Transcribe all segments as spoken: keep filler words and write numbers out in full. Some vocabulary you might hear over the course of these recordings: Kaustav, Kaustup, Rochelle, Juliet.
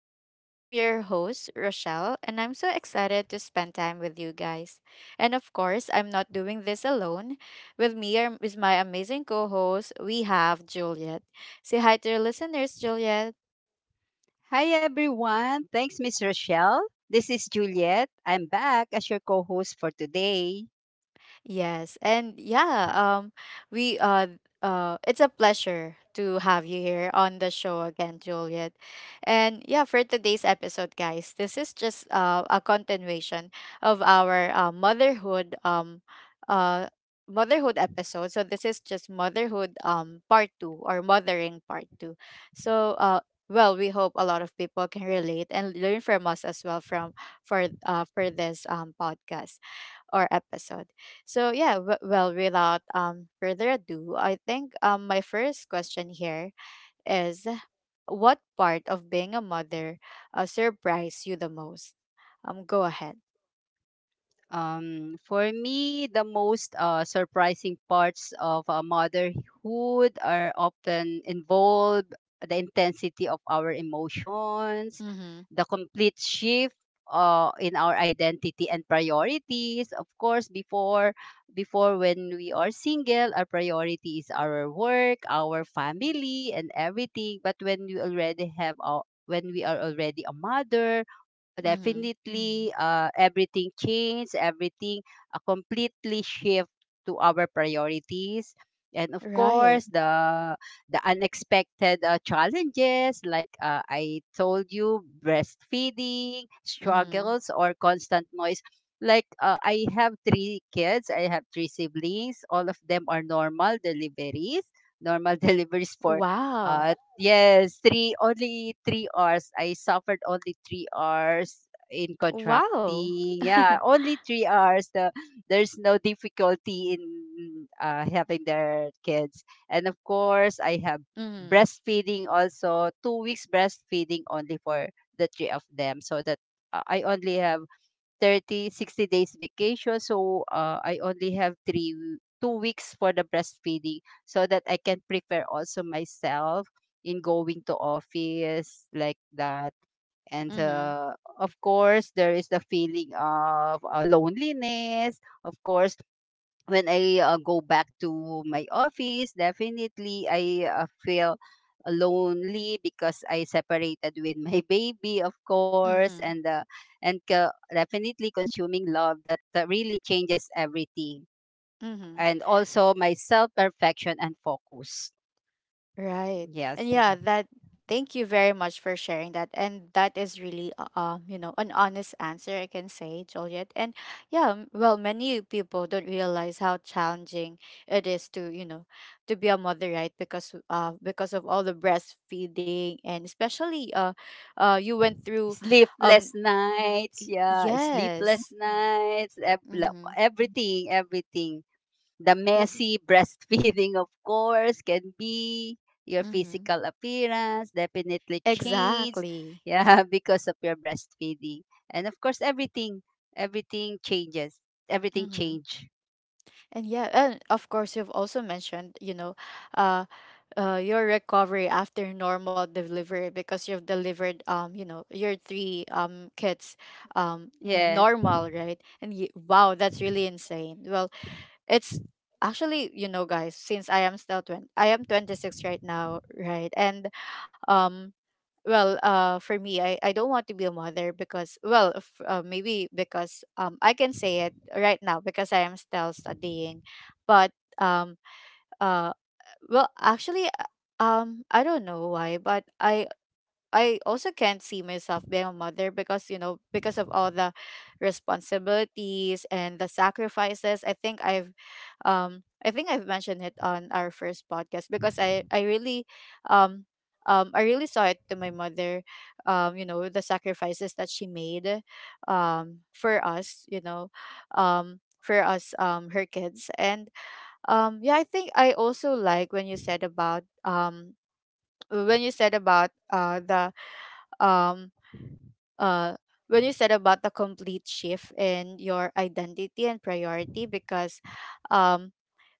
talks. I'm your host, Rochelle, and I'm so excited to spend time with you guys. And of course, I'm not doing this alone. With me are, is my amazing co host, we have Juliet. Say hi to your listeners, Juliet. Hi everyone. Thanks, Miss Rochelle. This is Juliet. I'm back as your co-host for today. Yes, and yeah, um, we uh, uh, it's a pleasure to have you here on the show again, Juliet. And yeah, for today's episode, guys, this is just uh, a continuation of our uh, motherhood um, uh, motherhood episode. So this is just motherhood um part two or mothering part two. So uh. Well, we hope a lot of people can relate and learn from us as well from for uh for this um podcast or episode. So yeah, w- well, without um further ado, I think um my first question here is, what part of being a mother uh, surprised you the most? Um, go ahead. Um, for me, the most uh, surprising parts of uh, motherhood are often involve the intensity of our emotions, Mm-hmm. the complete shift uh, in our identity and priorities. Of course, before before when we are single, our priority is our work, our family, and everything. But when we already have our when we are already a mother Mm-hmm. definitely uh, everything changed, everything uh, completely shift to our priorities. And of Right. course, the the unexpected uh, challenges, like uh, I told you, breastfeeding Mm-hmm. struggles or constant noise. Like uh, I have three kids, I have three siblings. All of them are normal deliveries, normal deliveries for Wow. uh, yes, three only three hours. I suffered only three hours in Wow. contracting. Yeah, only three hours. The there's no difficulty in uh, having their kids, and of course, I have mm-hmm. breastfeeding also. Two weeks breastfeeding only for the three of them, so that uh, I only have Thirty sixty days vacation so uh, I only have three w- two weeks for the breastfeeding so that I can prepare also myself in going to office like that and Mm-hmm. Uh, of course there is the feeling of uh, loneliness of course when I uh, go back to my office, definitely I uh, feel lonely because I separated with my baby, of course, Mm-hmm. and uh, and co- definitely consuming love that uh, really changes everything, Mm-hmm. and also my self perfection and focus. Right. Yes, And yeah, that thank you very much for sharing that. And that is really uh, um, you know, an honest answer I can say, Juliet. And yeah, m- well, many people don't realize how challenging it is to, you know, to be a mother, right? Because uh because of all the breastfeeding and especially uh uh you went through sleepless um nights. y- Yeah, sleepless yes. nights. ev- la- Mhm. Everything, everything. The Yes. messy breastfeeding, of course, can be your Mhm. physical appearance definitely changes. Exactly. Yeah, because of your breastfeeding. And of course, everything, everything changes. Everything Mhm. change. And yeah, and of course you've also mentioned, you know, uh. uh, your recovery after normal delivery because you've delivered um you know your three um kids, um n- Yes, normal, right? And y wow, that's really insane. Well, it's actually, you know, guys, since I am still twenty, I am twenty-six right now, right? And um well, uh for me, i i don't want to be a mother because, well, f- uh, maybe because um I can say it right now because I am still studying. But um uh, well, actually, uh, um, I don't know why, but I I also can't see myself being a mother because, you know, because of all the responsibilities and the sacrifices. I think I've, um, I think I've mentioned it on our first podcast because I I really, um. Um, I really saw it to my mother, um, you know, the sacrifices that she made um, for us, you know, um, for us, um, her kids. And um, yeah, I think I also like when you said about um uh, when you said about uh the um uh when you said about the complete shift in your identity and priority because um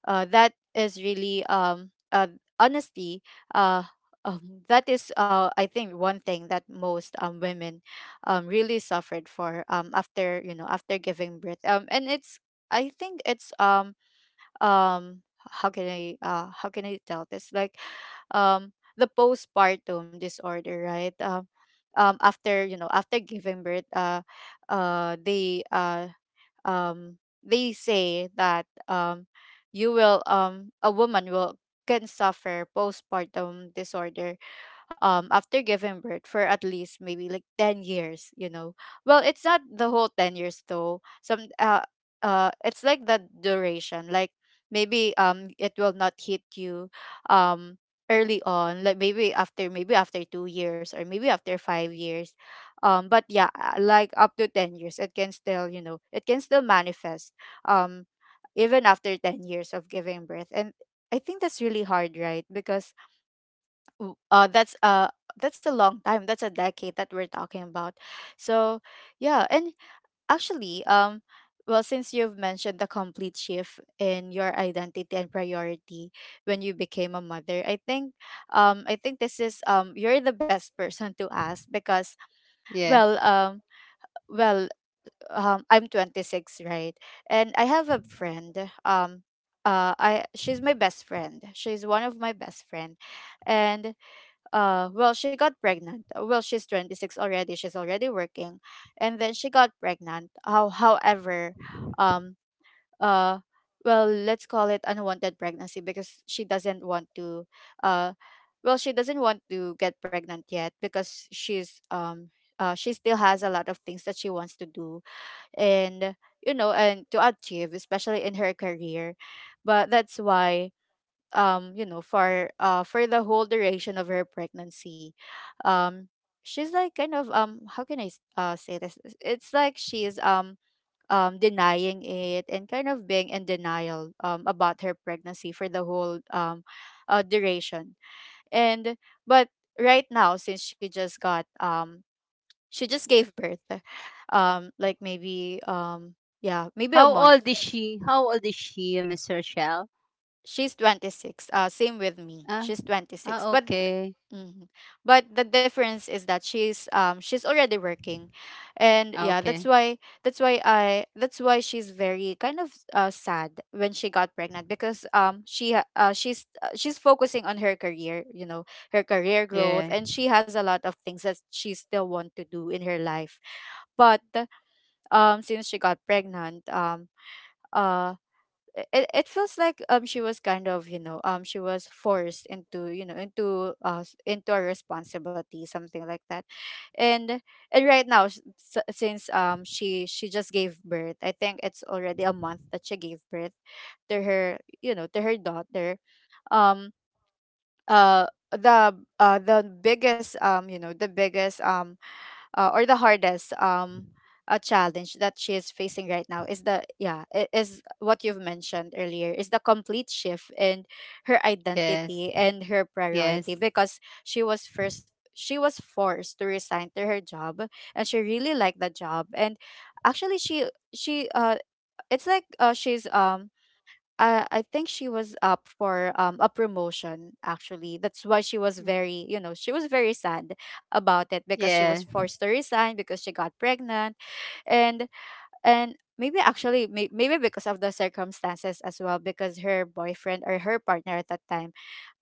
uh that is really um uh honesty, uh um, that is uh I think one thing that most um women um really suffered for um after, you know, after giving birth. Um and it's, I think it's, um um how can i uh how can i tell this, like, um the postpartum disorder, right? Um um after, you know, after giving birth, uh uh they uh um they say that um you will, um a woman will, can suffer postpartum disorder um after giving birth for at least maybe like ten years, you know. Well, it's not the whole ten years though, some uh uh it's like the duration, like maybe, um it will not hit you um early on, like maybe after, maybe after two years, or maybe after five years. Um but Yeah, uh, like up to ten years it can still, you know, it can still manifest um even after ten years of giving birth. And I think that's really hard, right? Because, w- uh that's uh that's a long time, that's a decade that we're talking about. So yeah. And actually, um well, since you've mentioned the complete shift in your identity and priority when you became a mother, I think, um I think this is, um you're the best person to ask because, well yes. um well, um I'm twenty-six, right? And I have a friend, um uh I she's my best friend, she's one of my best friend. And, uh well, she got pregnant. Uh, well, she's twenty-six already, she's already working, and then she got pregnant. How, however, um uh well, let's call it unwanted pregnancy because she doesn't want to, uh well, she doesn't want to get pregnant yet because she's, um uh, she still has a lot of things that she wants to do and, you know, and to achieve, especially in her career. But that's why, um you know, for uh for the whole duration of her pregnancy, um she's like kind of, um how can I s- uh say this, it's it's like she's, um um denying it and kind of being in denial um about her pregnancy for the whole, um uh, duration. And but Right now, since she just got um she just gave birth, um like maybe, um yeah, maybe a How month. old is she? How old is she, Miss Rochelle? She's twenty-six, uh same with me, Ah, she's twenty-six. ah, But okay. Mhm. But the difference is that she's, um she's already working, and Ah, yeah, that's okay. why, that's why I that's why she's very kind of uh, sad when she got pregnant because, um she ha- uh, she's uh, she's focusing on her career, you know, her career Yeah. growth, and she has a lot of things that she still want to do in her life. But um Since she got pregnant, um uh i- it, it feels like, um she was kind of, you know, um she was forced into, you know, into uh s- into a responsibility, something like that. And and Right now, s- s- since, um she she just gave birth, I think it's already a month that she gave birth to her, you know, to her daughter. um uh the uh the biggest, um you know, the biggest, um uh, or the hardest, um a challenge that she is facing right now is the, yeah, i- is what you've mentioned earlier, is the complete shift in her Yes. identity and her Yes. priority because she was first, she was forced to resign to her job, and she really liked the job. And actually, she she uh it's like uh, she's um I I think she was up for, um a promotion actually. That's why she was very, you know, she was very sad about it because she was Yeah. forced to resign because she got pregnant. And and maybe actually, may- maybe because of the circumstances as well, because her boyfriend or her partner at that time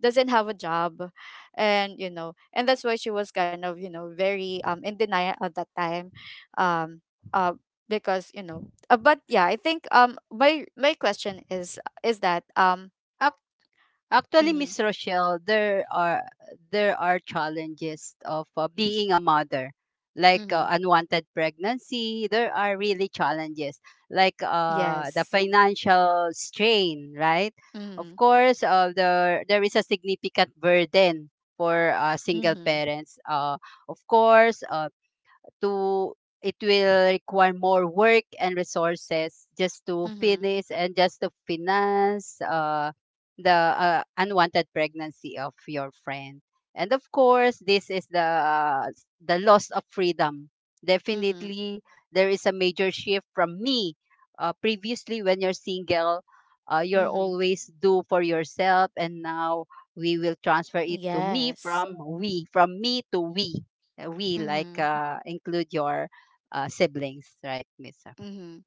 doesn't have a job, and you know, and that's why she was kind of, you know, very, um in denial at that time. um uh because, you know, uh, but yeah, I think, um my my question is is that, um Up Actually, mhm Miss Rochelle, there are there are challenges of uh, being a mother, like uh, mhm unwanted pregnancy. There are really challenges, like uh, the yes financial strain, right? Of mhm course, uh, there there is a significant burden for uh, single mhm parents. Uh, of course, uh, to it will require more work and resources just to mhm finish and just to finance uh, the uh, unwanted pregnancy of your friend. And of course, this is the uh, the loss of freedom. mhm Definitely, there is a major shift from me. Uh, previously, when you're single, uh, you're mhm always do for yourself, and now we will transfer it to me yes from we, from me to we uh, we like mhm uh, include your uh, siblings right misa, mhm.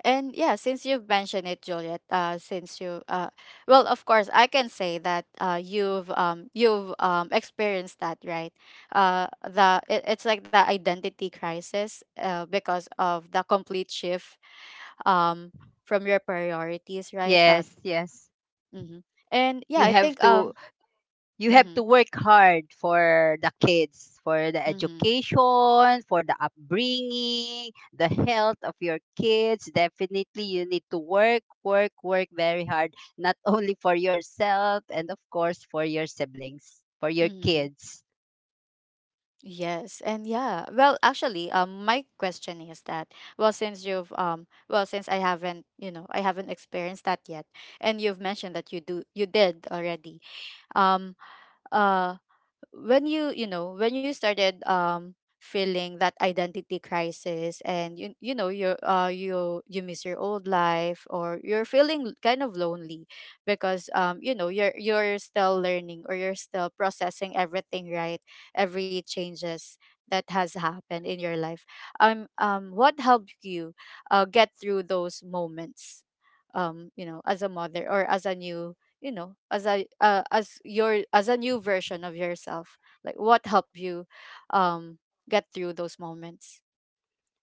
And yeah, since you've mentioned it, Juliet, uh, since you, uh, well, of course, I can say that uh, you've, um, you've um, experienced that, right? Uh, the it, it's like the identity crisis, uh, because of the complete shift, um, from your priorities, right? Uh, yes, yes. mhm. And yeah, You I have think, to um, you have mm-hmm, to work hard for the kids for the mm-hmm, education for the upbringing the health of your kids definitely you need to work work work very hard not only for yourself and of course for your siblings for your mm-hmm. kids. Yes, and yeah. Well, actually, um, my question is that, well, since you've, um, well, since I haven't, you know, I haven't experienced that yet, and you've mentioned that you do, you did already. Um, uh, when you you know, when you started, um feeling that identity crisis, and you you know, you uh you you miss your old life, or you're feeling kind of lonely because, um you know, you're you're still learning, or you're still processing everything, right? Every changes that has happened in your life. Um um what helped you uh get through those moments, um you know, as a mother, or as a new, you know, as a uh, as your as a new version of yourself? Like, what helped you um get through those moments?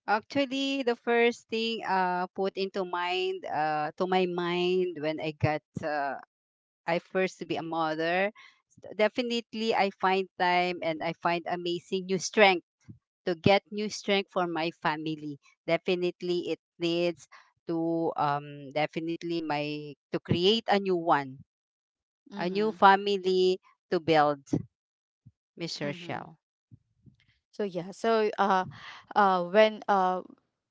Actually, the first thing uh put into mind uh to my mind when I got uh, I first to be a mother, s- definitely I find time and I find amazing new strength to get new strength for my family. Definitely it needs to um definitely my to create a new one, a new Mhm. family to build, Miss Mhm. Rochelle. So yeah so uh uh when uh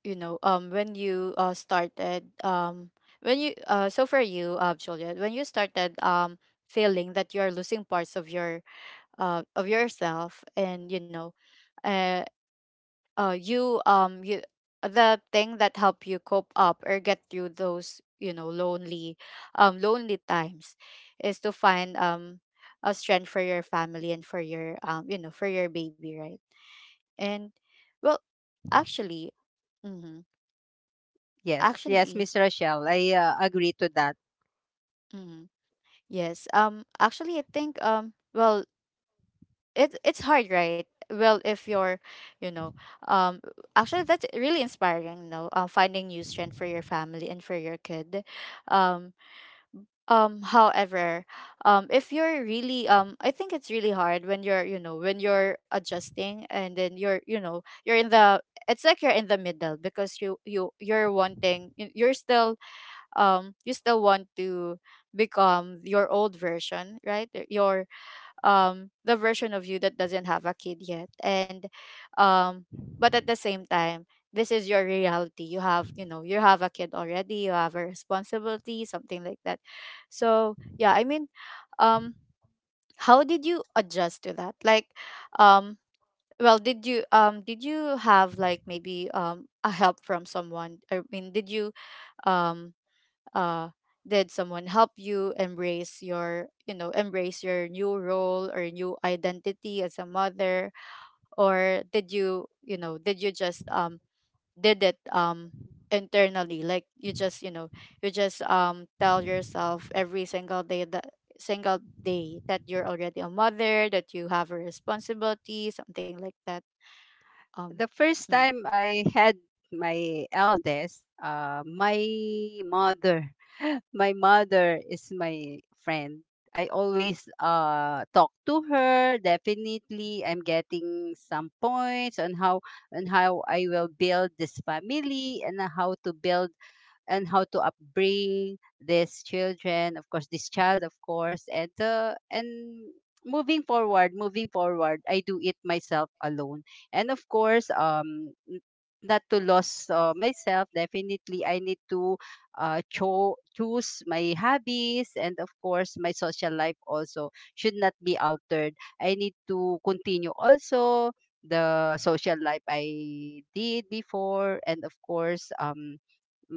you know, um when you uh started, um when you uh so for you, uh Juliet, when you started, um feeling that you are losing parts of your, uh of yourself, and you know, uh uh you um you, the thing that help you cope up or get through those, you know, lonely, um lonely times, is to find, um a strength for your family and for your, um you know, for your baby, right? And, well, actually, mm-hmm, Yes, yes, actually, Miss Rochelle. I uh, agree to that. mm-hmm, yes. Um actually, I think, um well, it it's hard, right? Well, if you're, you know, um actually, that's really inspiring, you know, um, finding new strength for your family and for your kid. um um However, um if you're really, um I think it's really hard when you're, you know, when you're adjusting, and then you're, you know, you're in the, it's like you're in the middle because, you you you're wanting, you- you're still, um you still want to become your old version, right? Your, um the version of you that doesn't have a kid yet and um but at the same time, this is your reality. You have you know you have a kid already. You have a responsibility, something like that. So, yeah, I mean, um how did you adjust to that? Like, um well, did you um did you have, like, maybe um a help from someone? I mean, did you um uh did someone help you embrace your you know embrace your new role or new identity as a mother? Or did you you know did you just um did it um internally, like, you just you know you just um tell yourself every single day that single day that you're already a mother, that you have a responsibility, something like that. um The first mm. time I had my eldest, uh, my mother, my mother is my friend. I always uh, talk to her. Definitely, I'm getting some points on how on how I will build this family and how to build and how to upbring these children of course this child of course and uh, and moving forward moving forward I do it myself alone and of course um n- not to lose uh, myself definitely I need to uh, cho- choose my hobbies and of course my social life also should not be altered I need to continue also the social life I did before and of course um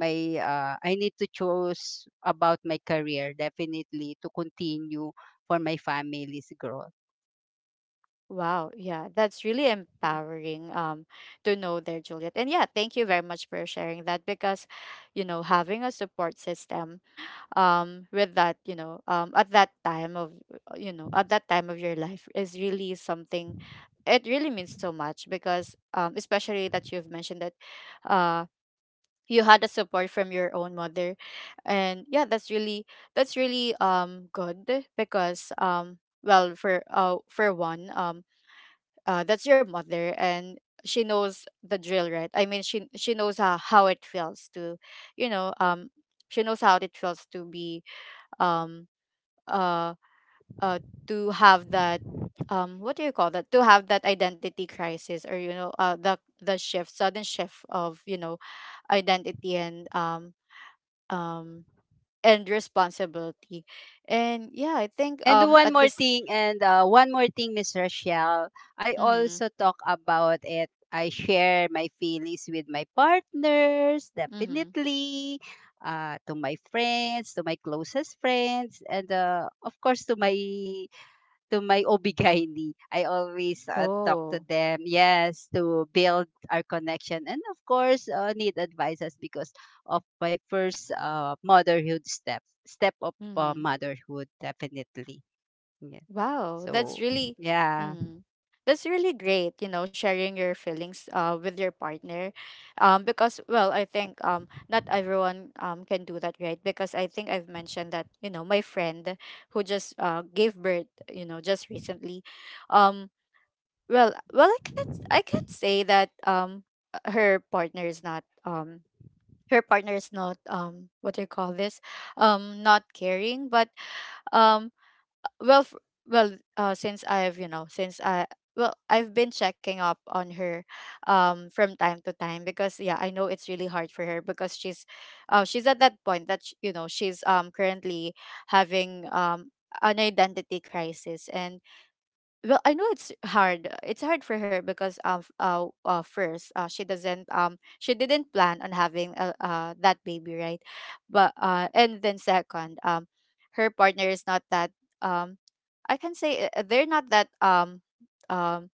my uh, I need to choose about my career definitely to continue for my family's growth. Wow, yeah, that's really Yeah. empowering, um to know there, Juliet. And yeah, thank you very much for sharing that, because, you know, having a support system um with that, you know, um at that time of uh, you know, at that time of your life is really something. It really means so much, because um especially that you've mentioned that uh you had a support from your own mother. And yeah, that's really, that's really um good, because, um well, for uh for one, um uh, that's your mother. And she knows the drill, right? I mean, she she knows how, how it feels to, you know um she knows how it feels to be um uh uh to have that, um what do you call that, to have that identity crisis, or you know uh the the shift, sudden shift of you know identity and um um and responsibility. And yeah, I think, And um one at more this thing, and uh, one more thing, Miss Rochelle, I Mm-hmm, also talk about it. I share my feelings with my partners, mm-hmm. definitely, uh, to my friends, to my closest friends, and uh, of course to my to my obigaini. I always uh, talk to Oh. them, yes, to build our connection. And of course, uh, need advices because of my first uh, motherhood step, step of uh, motherhood, definitely. Yeah. Wow, that's So, really, yeah, mm, that's really great. You know, sharing your feelings, uh, with your partner, um, because, well, I think, um, not everyone um can do that, right? Because I think I've mentioned that, you know my friend who just uh gave birth, you know, just recently, um, well, well, I can not I can not say that um uh, her partner is not um her partner is not um what do you call this, um not caring, but um well f- well uh since I've you know since I well I've been checking up on her, um from time to time, because, yeah, I know it's really hard for her, because she's uh she's at that point that, sh- you know she's um currently having um an identity crisis. And well, I know it's hard, it's hard for her because um f- uh, uh first, uh she doesn't um she didn't plan on having uh, uh that baby, right? But uh and then second, um her partner is not that, um I can say, uh, they're not that um um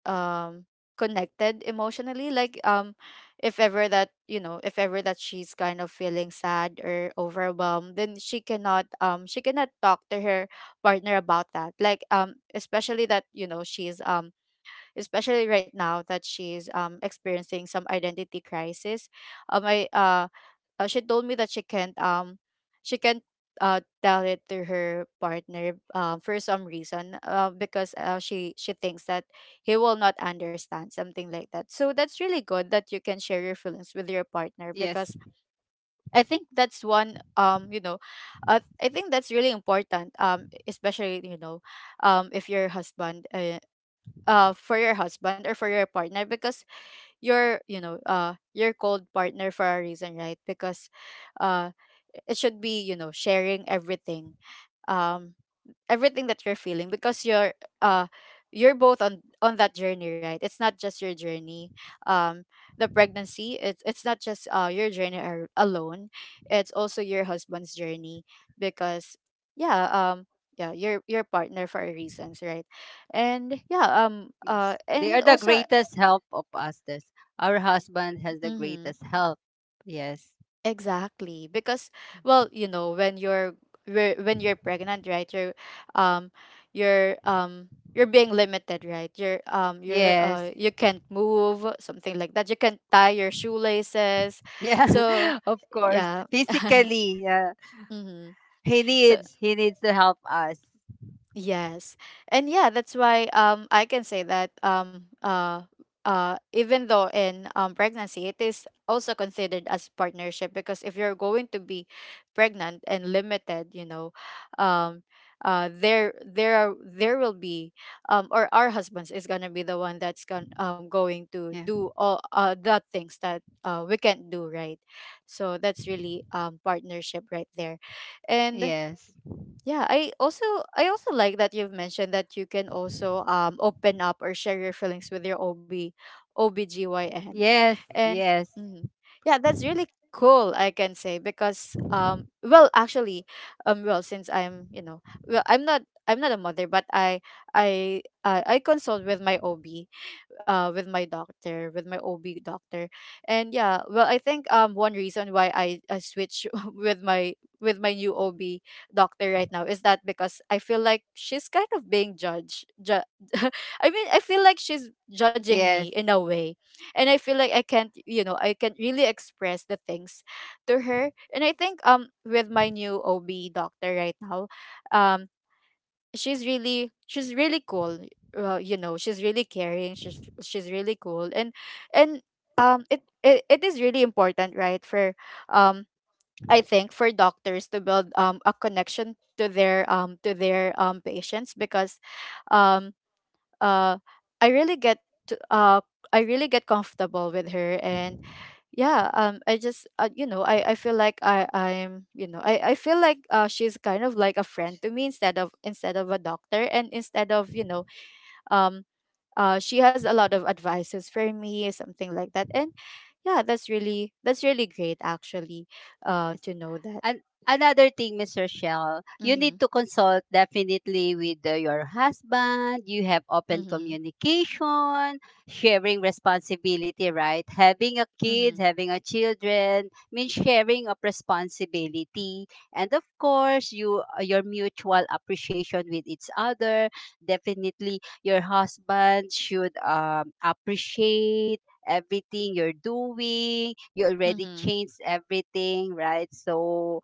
um connected emotionally, like, um if ever that, you know if ever that she's kind of feeling sad or overwhelmed, then she cannot um she cannot talk to her partner about that, like, um especially that, you know she's um especially right now that she's um experiencing some identity crisis. Um I uh uh, She told me that she can't um she can't uh tell it to her partner, um for some reason, uh, because uh, she she thinks that he will not understand, something like that. So that's really good that you can share your feelings with your partner, yes, because I think that's one, um you know uh, I think that's really important, um especially, you know um if your husband, uh, uh for your husband or for your partner, because you're, you know uh your cold partner for a reason, right? Because uh it should be, you know sharing everything, um everything that you're feeling, because you're uh you're both on on that journey, right? It's not just your journey, um the pregnancy, it's it's not just uh your journey ar- alone. It's also your husband's journey, because, yeah, um yeah, your your partner for reasons, right? And yeah, um uh yes. They and are the also greatest help of us. This. Our husband has the mhm. greatest help. Yes, Exactly. Because, well, you know, when you're whe- when you're pregnant, right? You're um you're um you're being limited, right? You're um you're uh yes. you can't move, something like that. You can't tie your shoelaces. Yeah, So, of course. yeah. Physically, yeah. Mm-hmm. He So, needs, he needs to help us. yes. And yeah, that's why, um I can say that, um uh uh even though in um pregnancy, it is also considered as partnership, because if you're going to be pregnant and limited, you know, um uh there there are there will be, um or our husbands is going to be the one that's going um going to Yeah. do all uh the things that uh we can't do, right? So that's really um partnership right there. And Yes. yeah, I also I also like that you've mentioned that you can also um open up or share your feelings with your O B O B G Y N. Yes. And, Yes. mm, yeah, that's really cool, I can say, because um well, actually, um well, since I'm, you know, well, I'm not I'm not a mother, but I I I, I consult with my O B, uh, with my doctor, with my O B doctor. And yeah, well, I think, um one reason why I, I switch with my with my new O B doctor right now is that because I feel like she's kind of being judged. Ju- I mean, I feel like she's judging me Yes. in a way, and I feel like I can't, you know, I can't really express the things to her. And I think, um with my new O B doctor right now, um she's really she's really cool, uh, you know, she's really caring, she's she's really cool, and and um it, it it is really important, right, for um I think for doctors to build um a connection to their um to their um patients, because um uh I really get to, uh I really get comfortable with her. And yeah, um I just, uh, you know I I feel like I I'm you know I I feel like uh she's kind of like a friend to me, instead of instead of a doctor, and instead of, you know um uh she has a lot of advices for me, something like that. And yeah, that's really, that's really great, actually, uh Yes. to know that. And another thing, Miss Rochelle, you Mhm. need to consult definitely with uh, your husband. You have open Mhm. communication, sharing responsibility, right? Having a kid, Mhm. having a children means sharing of responsibility. And of course, you uh, your mutual appreciation with each other. Definitely, your husband should um, appreciate everything you're doing you already Mhm. changed everything, right? So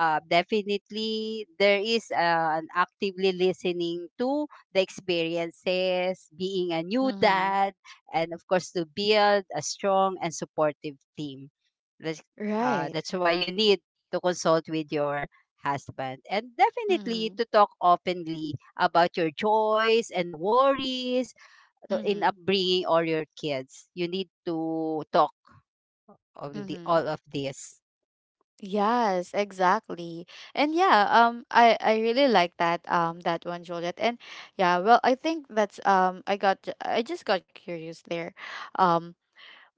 uh, definitely there is uh, an actively listening to the experiences, being a new Mhm. dad, and of course to build a strong and supportive team. That's, uh, Right. that's why you need to consult with your husband and definitely Mhm. to talk openly about your joys and worries to- in Mhm. upbringing all your kids. You need to talk on the all Mhm. of this. Yes, exactly. And yeah, um I I really like that, um that one, Juliet. And yeah, well, I think that's, um I got I just got curious there. Um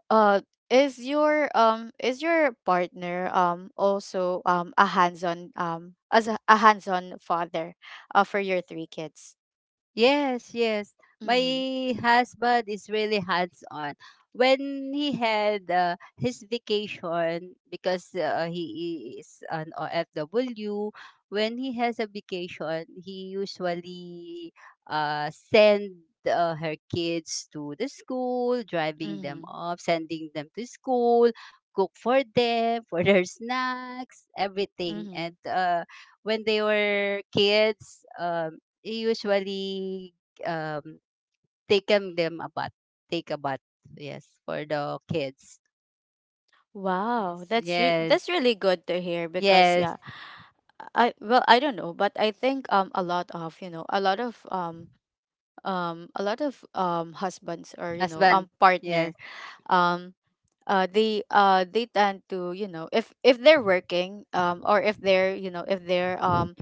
uh is your um is your partner um also um a hands-on, um as a, a hands-on father, uh, for your three kids? Yes, yes. My Mhm. husband is really hands on. When he had uh, his vacation, because uh, he is an O F W, when he has a vacation, he usually uh, send uh, her kids to the school, driving them Mhm. up, sending them to school, cook for them, for their snacks, everything. Mhm. And uh, When they were kids, um, he usually um, taken them a bath, take a bath, yes, for the kids. Wow, Yes, that's re- that's yes, really good to hear, because, yes, yeah, I, well I don't know, but I think, um a lot of, you know, a lot of, um um a lot of um husbands, or, you know um husband, partner, yes, um uh they uh they tend to, you know if if they're working, um or if they're, you know if they're um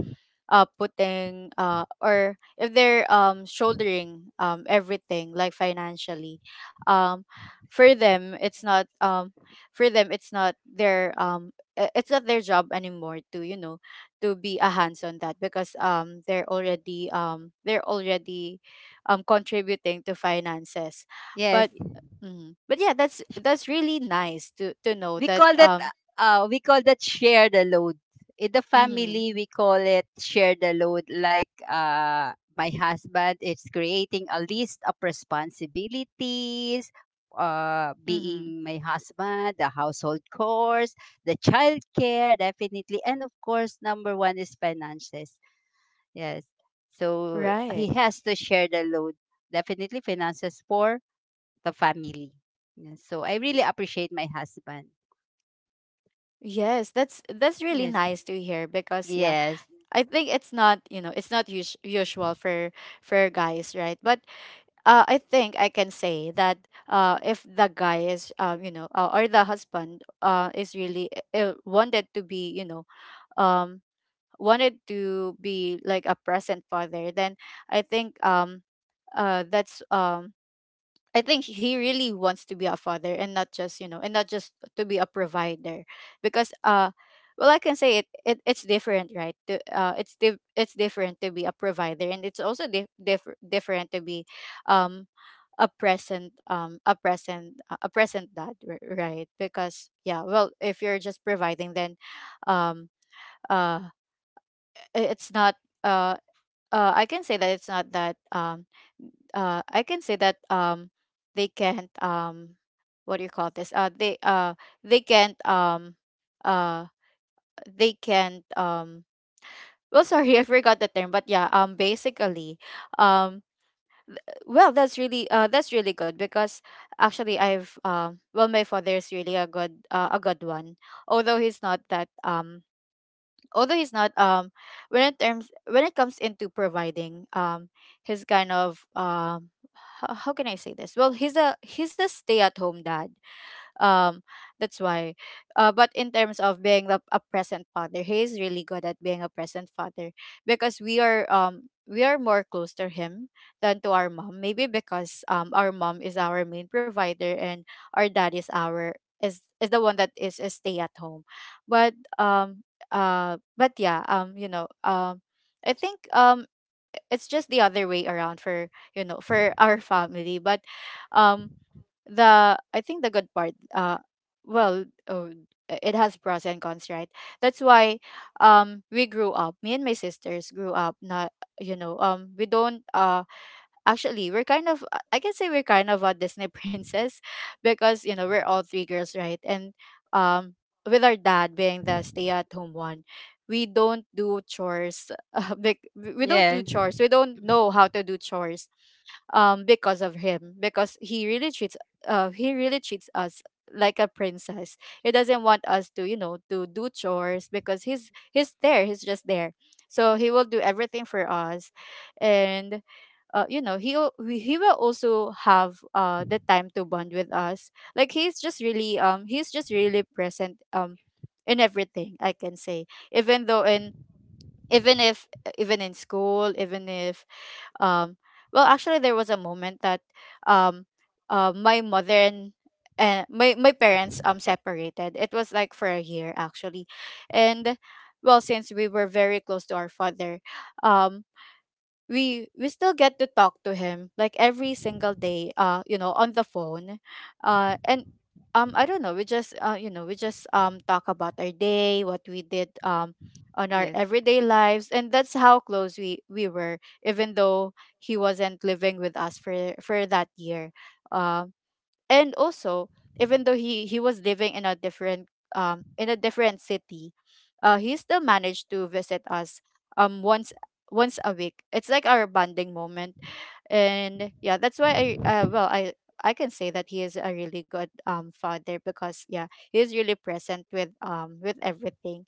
uh putting, uh or if they're um shouldering um everything, like, financially, um for them, it's not, um for them it's not their, um i- it's not their job anymore to, you know to be a hands on that, because um they're already, um they're already um contributing to finances, but, yes. mhm, but, yeah, that's that's really nice to to know We that call that um uh we call that share the load in the mhm. family we call it share the load like uh my husband is creating a list of responsibilities uh Mhm. being my husband the household chores the child care definitely and of course number one is finances yes so Right. he has to share the load definitely finances for the family. Yes, so I really appreciate my husband, Yes, that's that's really yes. nice to hear, because, yeah, Yes. I think it's not, you know, it's not us- usual for for guys, right? But uh I think I can say that, uh if the guy is, um, you know, uh, or the husband uh is really, uh, wanted to be, you know, um wanted to be like a present father, then I think, um uh that's, um I think he really wants to be a father, and not just, you know, and not just to be a provider. Because, uh well, I can say it, it it's different, right? To, uh it's di- it's different to be a provider, and it's also di- diff- different to be, um a present um a present, uh, a present dad, r- right? Because, yeah, well, if you're just providing, then um uh i- it's not, uh uh, I can say that it's not that, um uh I can say that um they can't, um what do you call this? Uh they uh they can't, um uh they can't, um well, sorry, I forgot the term. But, yeah, um basically, um well, that's really, uh that's really good, because, actually, I've um well, my father is really a good, uh, a good one, although he's not that, um although he's not, um when it terms when it comes into providing, um he's kind of, um how, how can I say this? Well, he's a he's a stay at home dad. um that's why. Uh but in terms of being the, a present father, he is really good at being a present father, because we are um we are more close to him than to our mom, maybe because um our mom is our main provider, and our dad is our is is the one that is, is stay at home. But um uh but yeah um you know um I think um it's just the other way around for you know for our family. But um the I think the good part— uh well oh, it has pros and cons, right? That's why, um we grew up, me and my sisters grew up not, you know um we don't— uh actually, we're kind of— uh, I can say we're kind of a Disney princess because, you know we're all three girls, right? And, um, with our dad being the stay-at-home one, we don't do chores. Uh, bec- we don't Yeah. do chores. We don't know how to do chores. Um, because of him— because he really treats uh he really treats us like a princess. He doesn't want us to you know to do chores because he's he's there. He's just there. So he will do everything for us, and uh, you know he will he will also have uh the time to bond with us, like, he's just really um he's just really present um in everything, I can say. Even though— in even if uh, even in school, even if— um well, actually, there was a moment that— um uh, my mother and— and my, my parents um separated. It was like for a year, actually. And, well, since we were very close to our father, um we we still get to talk to him, like, every single day, uh you know on the phone. Uh and um I don't know, we just uh you know we just um talk about our day, what we did um on our Yes. everyday lives, and that's how close we we were, even though he wasn't living with us for for that year. Um and also, even though he he was living in a different— um in a different city, uh he still managed to visit us, um once once a week. It's like our bonding moment. And yeah, that's why I uh, well I I can say that he is a really good um father, because, yeah, he is really present with um with everything.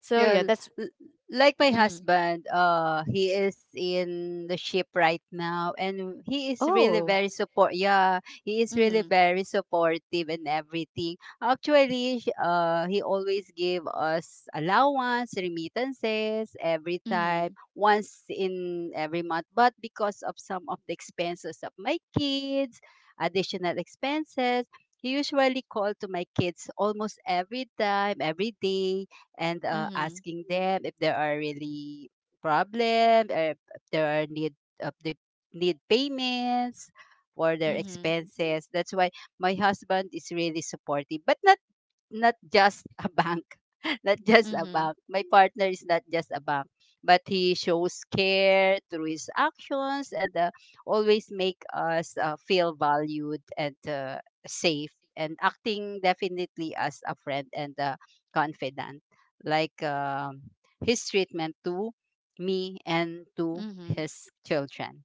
So yeah, Yeah, l- that's— l- like my Mm-hmm. husband, uh, he is in the ship right now, and he is really Oh. very support. Yeah, he is really Mm-hmm. very supportive and everything. Actually, sh- uh, he always give us allowance, remittances every time, Mm-hmm. once in every month. But because of some of the expenses of my kids, additional expenses, he usually call to my kids almost every time, every day and uh, Mm-hmm. asking them if there are really problem or if there are need of the need payments for their Mm-hmm. expenses. That's why my husband is really supportive, but not not just a bank, not just a Mm-hmm. bank. My partner is not just a bank, but he shows care through his actions and uh, always make us uh, feel valued and uh, safe and acting definitely as a friend and a confidant like um his treatment to me and to Mm-hmm. his children.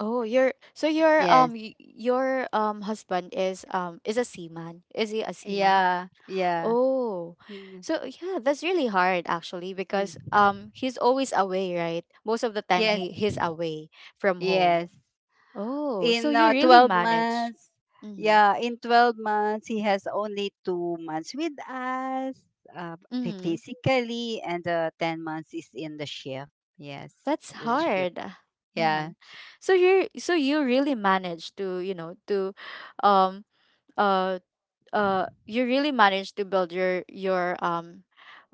Oh, your so your Yes. um y- your um husband is um is a seaman. Is he a seaman? Yeah. Yeah. Oh. Mm, So yeah, that's really hard, actually, yeah. because um he's always away, right? Most of the time Yes, he he's away from home. yes. Oh, so In you uh, really twelve manage. months, Mhm. yeah, in twelve months, he has only two months with us uh, phy- Mhm. physically, and the ten months is in the shift. Yes, That's the shift. hard. Yeah, Mhm. So you so you really manage to— you know, to um uh uh you really managed to build your your um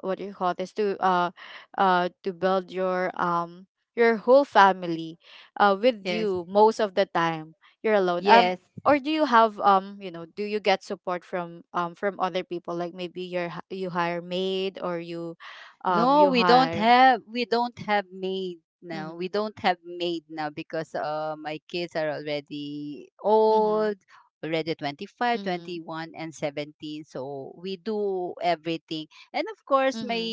what do you call this, to— uh uh to build your— um your whole family, uh with yes, you most of the time. You're alone, um yes. or do you have— um you know do you get support from— um from other people, like, maybe you're h- you hire maid, or you— um No, you we don't hire— have we don't have maid now. Mm-hmm. We don't have maid now because uh my kids are already Mm-hmm. old, already twenty five, Mm-hmm. twenty one, and seventeen. So we do everything. And of course, my Mm-hmm.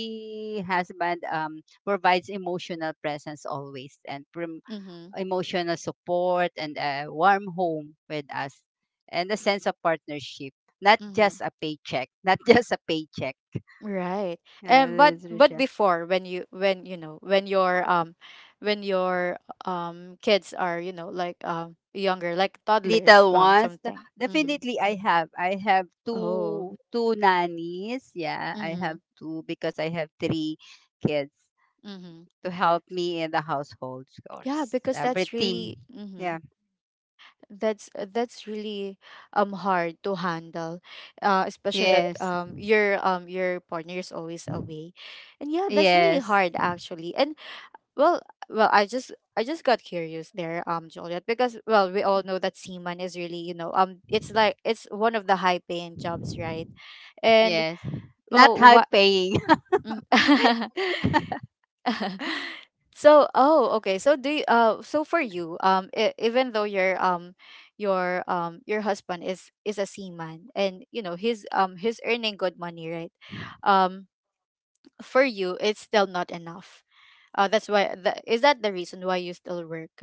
husband um provides emotional presence always and prom- Mm-hmm. emotional support and a warm home with us and a sense of partnership, not Hmm. just a paycheck, not just a paycheck. Right. And— but Uh, but before, when you— when you know when your— um when your um kids are, you know like, um younger, like toddlers, little um ones? something. Mhm. Definitely I have. I have Oh. two two nannies. Yeah, I have Mhm. two because I have three kids Mhm. to help me in the household Yeah, chores. because that's Everything. really— mhm Yeah. that's that's really um hard to handle. Uh especially that, Yes. um your um your partner is always away. And yeah, that's really Yes. hard, actually. And— Well, well, I just I just got curious there, um, Juliet, because, well, we all know that seaman is really, you know, um, it's like it's one of the high paying jobs, right? And, Yes. Not well, high what? paying. So, oh, okay. So do you, uh, so for you, um, e- even though your um, your um, your husband is is a seaman, and, you know he's um he's earning good money, right? Um, for you, it's still not enough. Uh, that's why. Th- is that the reason why you still work?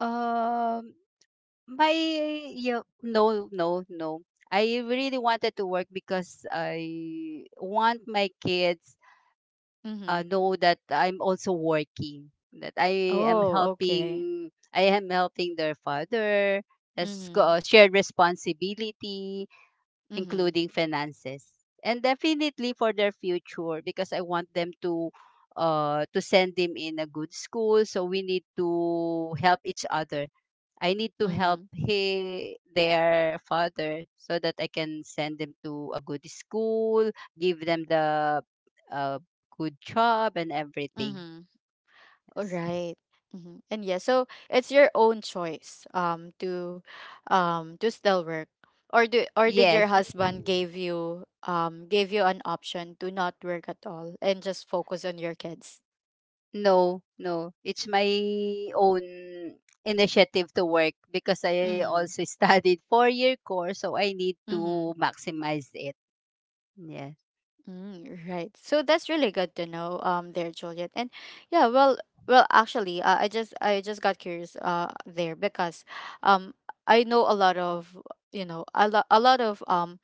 Um, my yeah, no, no, no. I really wanted to work because I want my kids Mm-hmm. uh, know that I'm also working, that I am Oh, okay. helping, I am helping their father, as co- Mhm. uh, shared responsibility, Mhm. including finances and definitely for their future because I want them to uh to send them in a good school so we need to help each other. I need to help Mhm. he their father so that I can send them to a good school give them the uh, good job and everything, Mhm. All right. Mhm. And yeah, so it's your own choice um to um to still work. Or do or did yes. your husband gave you um gave you an option to not work at all and just focus on your kids? No, no. It's my own initiative to work because I Mhm. also studied four-year course, so I need Mhm. to maximize it. Yeah. Mm, right. So that's really good to know, um, there, Juliet. And yeah, well— well, actually, uh, I just I just got curious, uh, there, because, um, I know a lot of— you know a lot a lot of um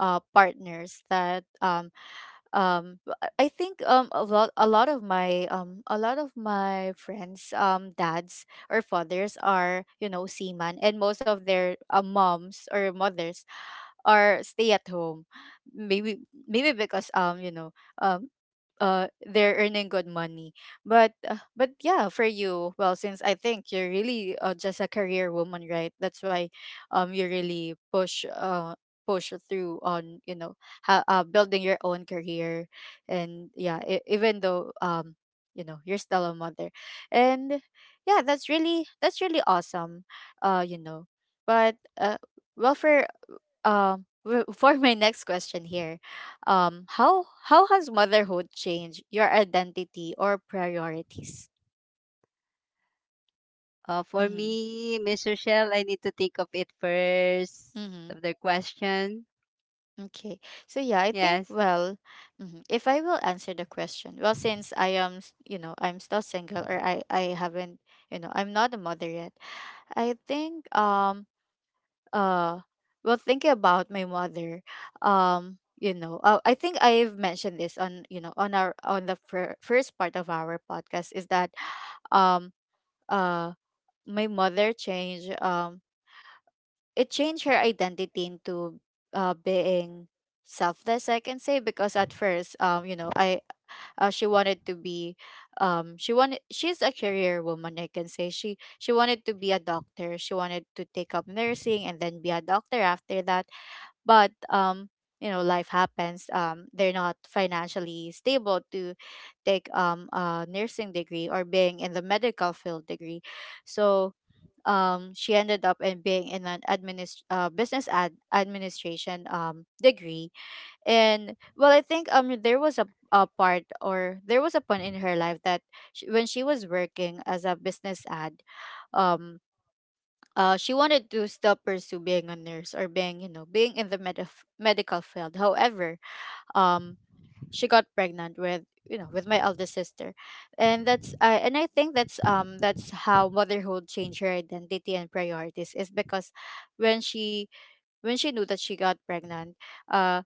uh partners that— um um but i think um a lot a lot of my um a lot of my friends— um dads or fathers are, you know seaman, and most of their uh, moms or mothers are stay at home, maybe maybe because um you know um uh they're earning good money. But uh, but yeah, for you— well, since I think you're really, uh, just a career woman, right? That's why, um you really push uh push through on, you know ha- uh, building your own career. And yeah, e- even though, um you know you're still a mother. And yeah, that's really that's really awesome, uh you know but uh well, for— um w- for my next question here, um how how has motherhood changed your identity or priorities? Uh, for Mm-hmm. me, Miss Rochelle, I need to think of it first Mm-hmm. of the question. Okay. So yeah, I think, Yes. well— mhm, if I will answer the question— well, since I am— s- you know, I'm still single, or I I haven't— you know, I'm not a mother yet. I think— um uh well, thinking about my mother, um you know, uh, I think I've mentioned this on— you know on our— on the fir- first part of our podcast, is that, um uh my mother changed— um it changed her identity into— uh, being selfless, I can say, because at first, um, you know, I uh, she wanted to be— um, she wanted she's a career woman, I can say. She she wanted to be a doctor. She wanted to take up nursing and then be a doctor after that. But, um, you know, life happens. Um, they're not financially stable to take um a nursing degree, or being in the medical field degree, so, um, she ended up in being in an administ- uh, business ad administration um, degree. And, well, I think, um there was a, a part— or there was a point in her life that— sh when she was working as a business ad— um uh, she wanted to still pursue being a nurse, or being— you know being in the med- medical field. However, um she got pregnant with you know with my eldest sister. And that's uh, and I think that's— um that's how motherhood changed her identity and priorities, is because, when she when she knew that she got pregnant, uh,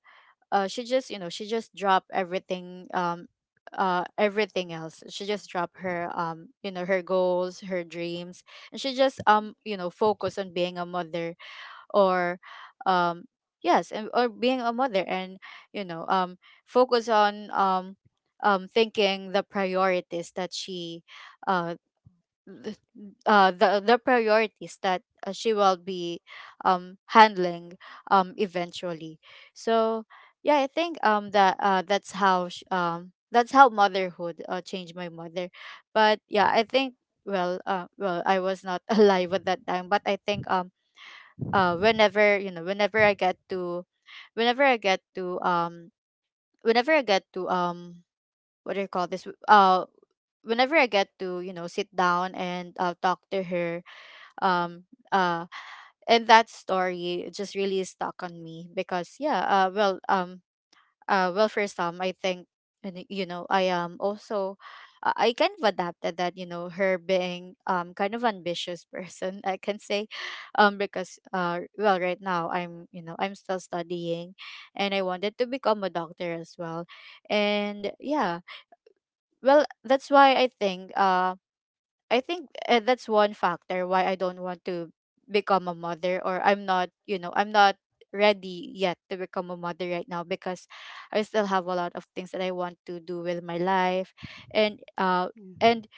uh she just— you know she just dropped everything, um uh everything else. She just dropped her— um you know her goals, her dreams, and she just um you know focused on being a mother, or— um yes, and— or being a mother, and— you know um focus on— um um thinking the priorities that she— uh th- uh the the priorities that, uh, she will be um handling, um eventually. So yeah, I think— um that uh that's how sh- um that's how motherhood, uh, changed my mother. But yeah, I think— well uh well, I was not alive at that time, but I think— um uh whenever you know whenever I get to— whenever I get to um whenever I get to um what do you call this— uh whenever I get to, you know sit down and, uh, talk to her, um uh and that story just really stuck on me, because, yeah, uh well um uh, well, for some I think— and, y- you know I am also— uh, I kind of adapted that, you know her being um kind of ambitious person, I can say. Um because, uh well, right now, I'm you know I'm still studying, and I wanted to become a doctor as well. And yeah, well, that's why I think— um I think, uh, that's one factor why I don't want to become a mother, or I'm not— you know, I'm not ready yet to become a mother right now, because I still have a lot of things that I want to do with my life, and uh Mm. and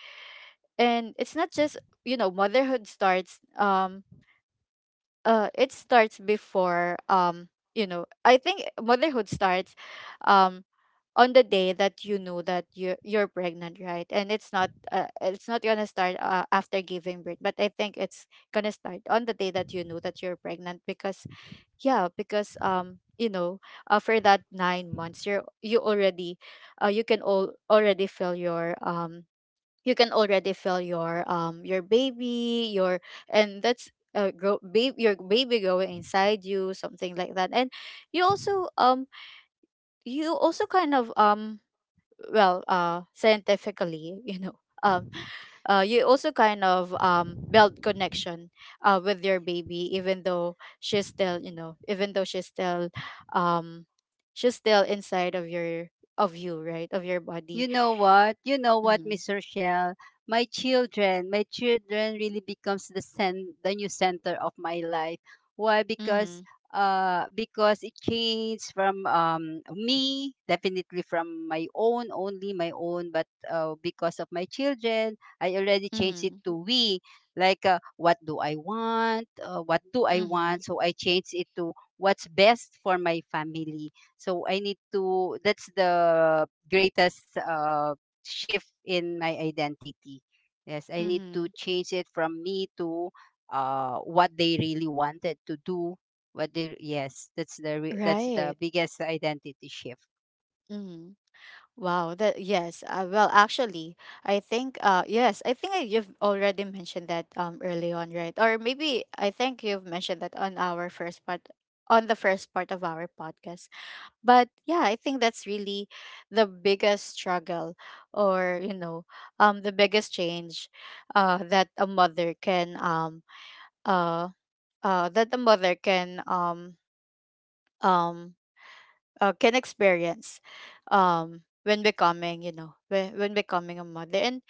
and it's not just, you know, motherhood starts— um uh it starts before— um you know, I think motherhood starts um on the day that you know that you're you're pregnant, right? And it's not uh, it's not gonna start uh, after giving birth, but I think it's gonna start on the day that you know that you're pregnant because yeah, because um you know uh, for that nine months you're you already uh, you can all already feel your um you can already feel your um your baby your and that's uh, grow, baby your baby growing inside you, something like that. And you also um you also kind of um well uh scientifically, you know, um uh, you also kind of um, build connection uh, with your baby, even though she's still, you know, even though she's still um, she's still inside of your, of you, right, of your You body. know what? You know what, Mm-hmm. Miss Rochelle? My children, my children really becomes the cen- the new center of my life. Why? Because Mm-hmm. uh because it changed from um me, definitely from my own, only my own, but uh, because of my children, I already changed it Mm-hmm. to we, like uh, what do i want uh, what do I Mm-hmm. want, so I changed it to what's best for my family. So I need to, that's the greatest uh, shift in my identity. Yes, I need to Mm-hmm. change it from me to uh, what they really wanted to do. What they, yes, that's the re- that's the Right. biggest identity shift. Mm-hmm. Wow, that yes. Uh, well, actually, I think uh yes, I think I, you've already mentioned that um early on, right? Or maybe I think you've mentioned that on our first part, on the first part of our podcast. But yeah, I think that's really the biggest struggle, or, you know, um the biggest change uh that a mother can um uh uh that a mother can um um uh, can experience um when becoming, you know, when, when becoming a mother. And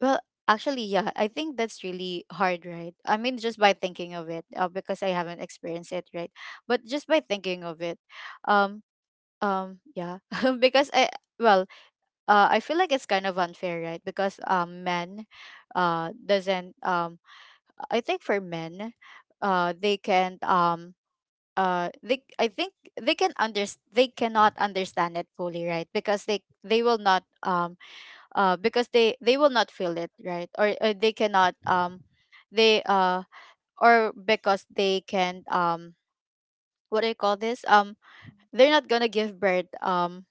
well, actually, yeah, I think that's really hard, right? I mean, just by thinking of it uh, because I haven't experienced it, right? But just by thinking of it um um yeah because I well, uh, I feel like it's kind of unfair, right? Because um men uh doesn't um I think for men uh they can't um uh they I think they can under they cannot understand it fully, right? Because they they will not um uh because they they will not feel it, right? or, or they cannot um they uh or because they can um what do you call this um they're not gonna give birth um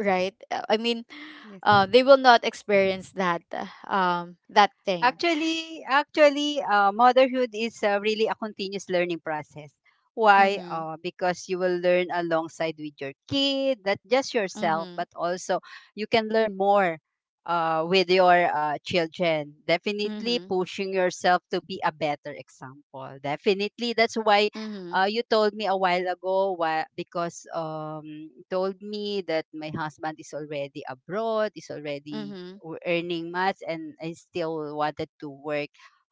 right. Uh, I mean Yes. uh they will not experience that uh, um that thing. Actually, actually, uh, motherhood is uh, really a continuous learning process. Why? Mhm. Uh, because you will learn alongside with your kid, not just yourself, Mhm. but also you can learn more uh, with your uh, children. Definitely Mhm. pushing yourself to be a better example. Definitely, that's why Mhm. uh, you told me a while ago why, because um, you told me that my husband is already abroad, is already Mhm. w- earning much and I still wanted to work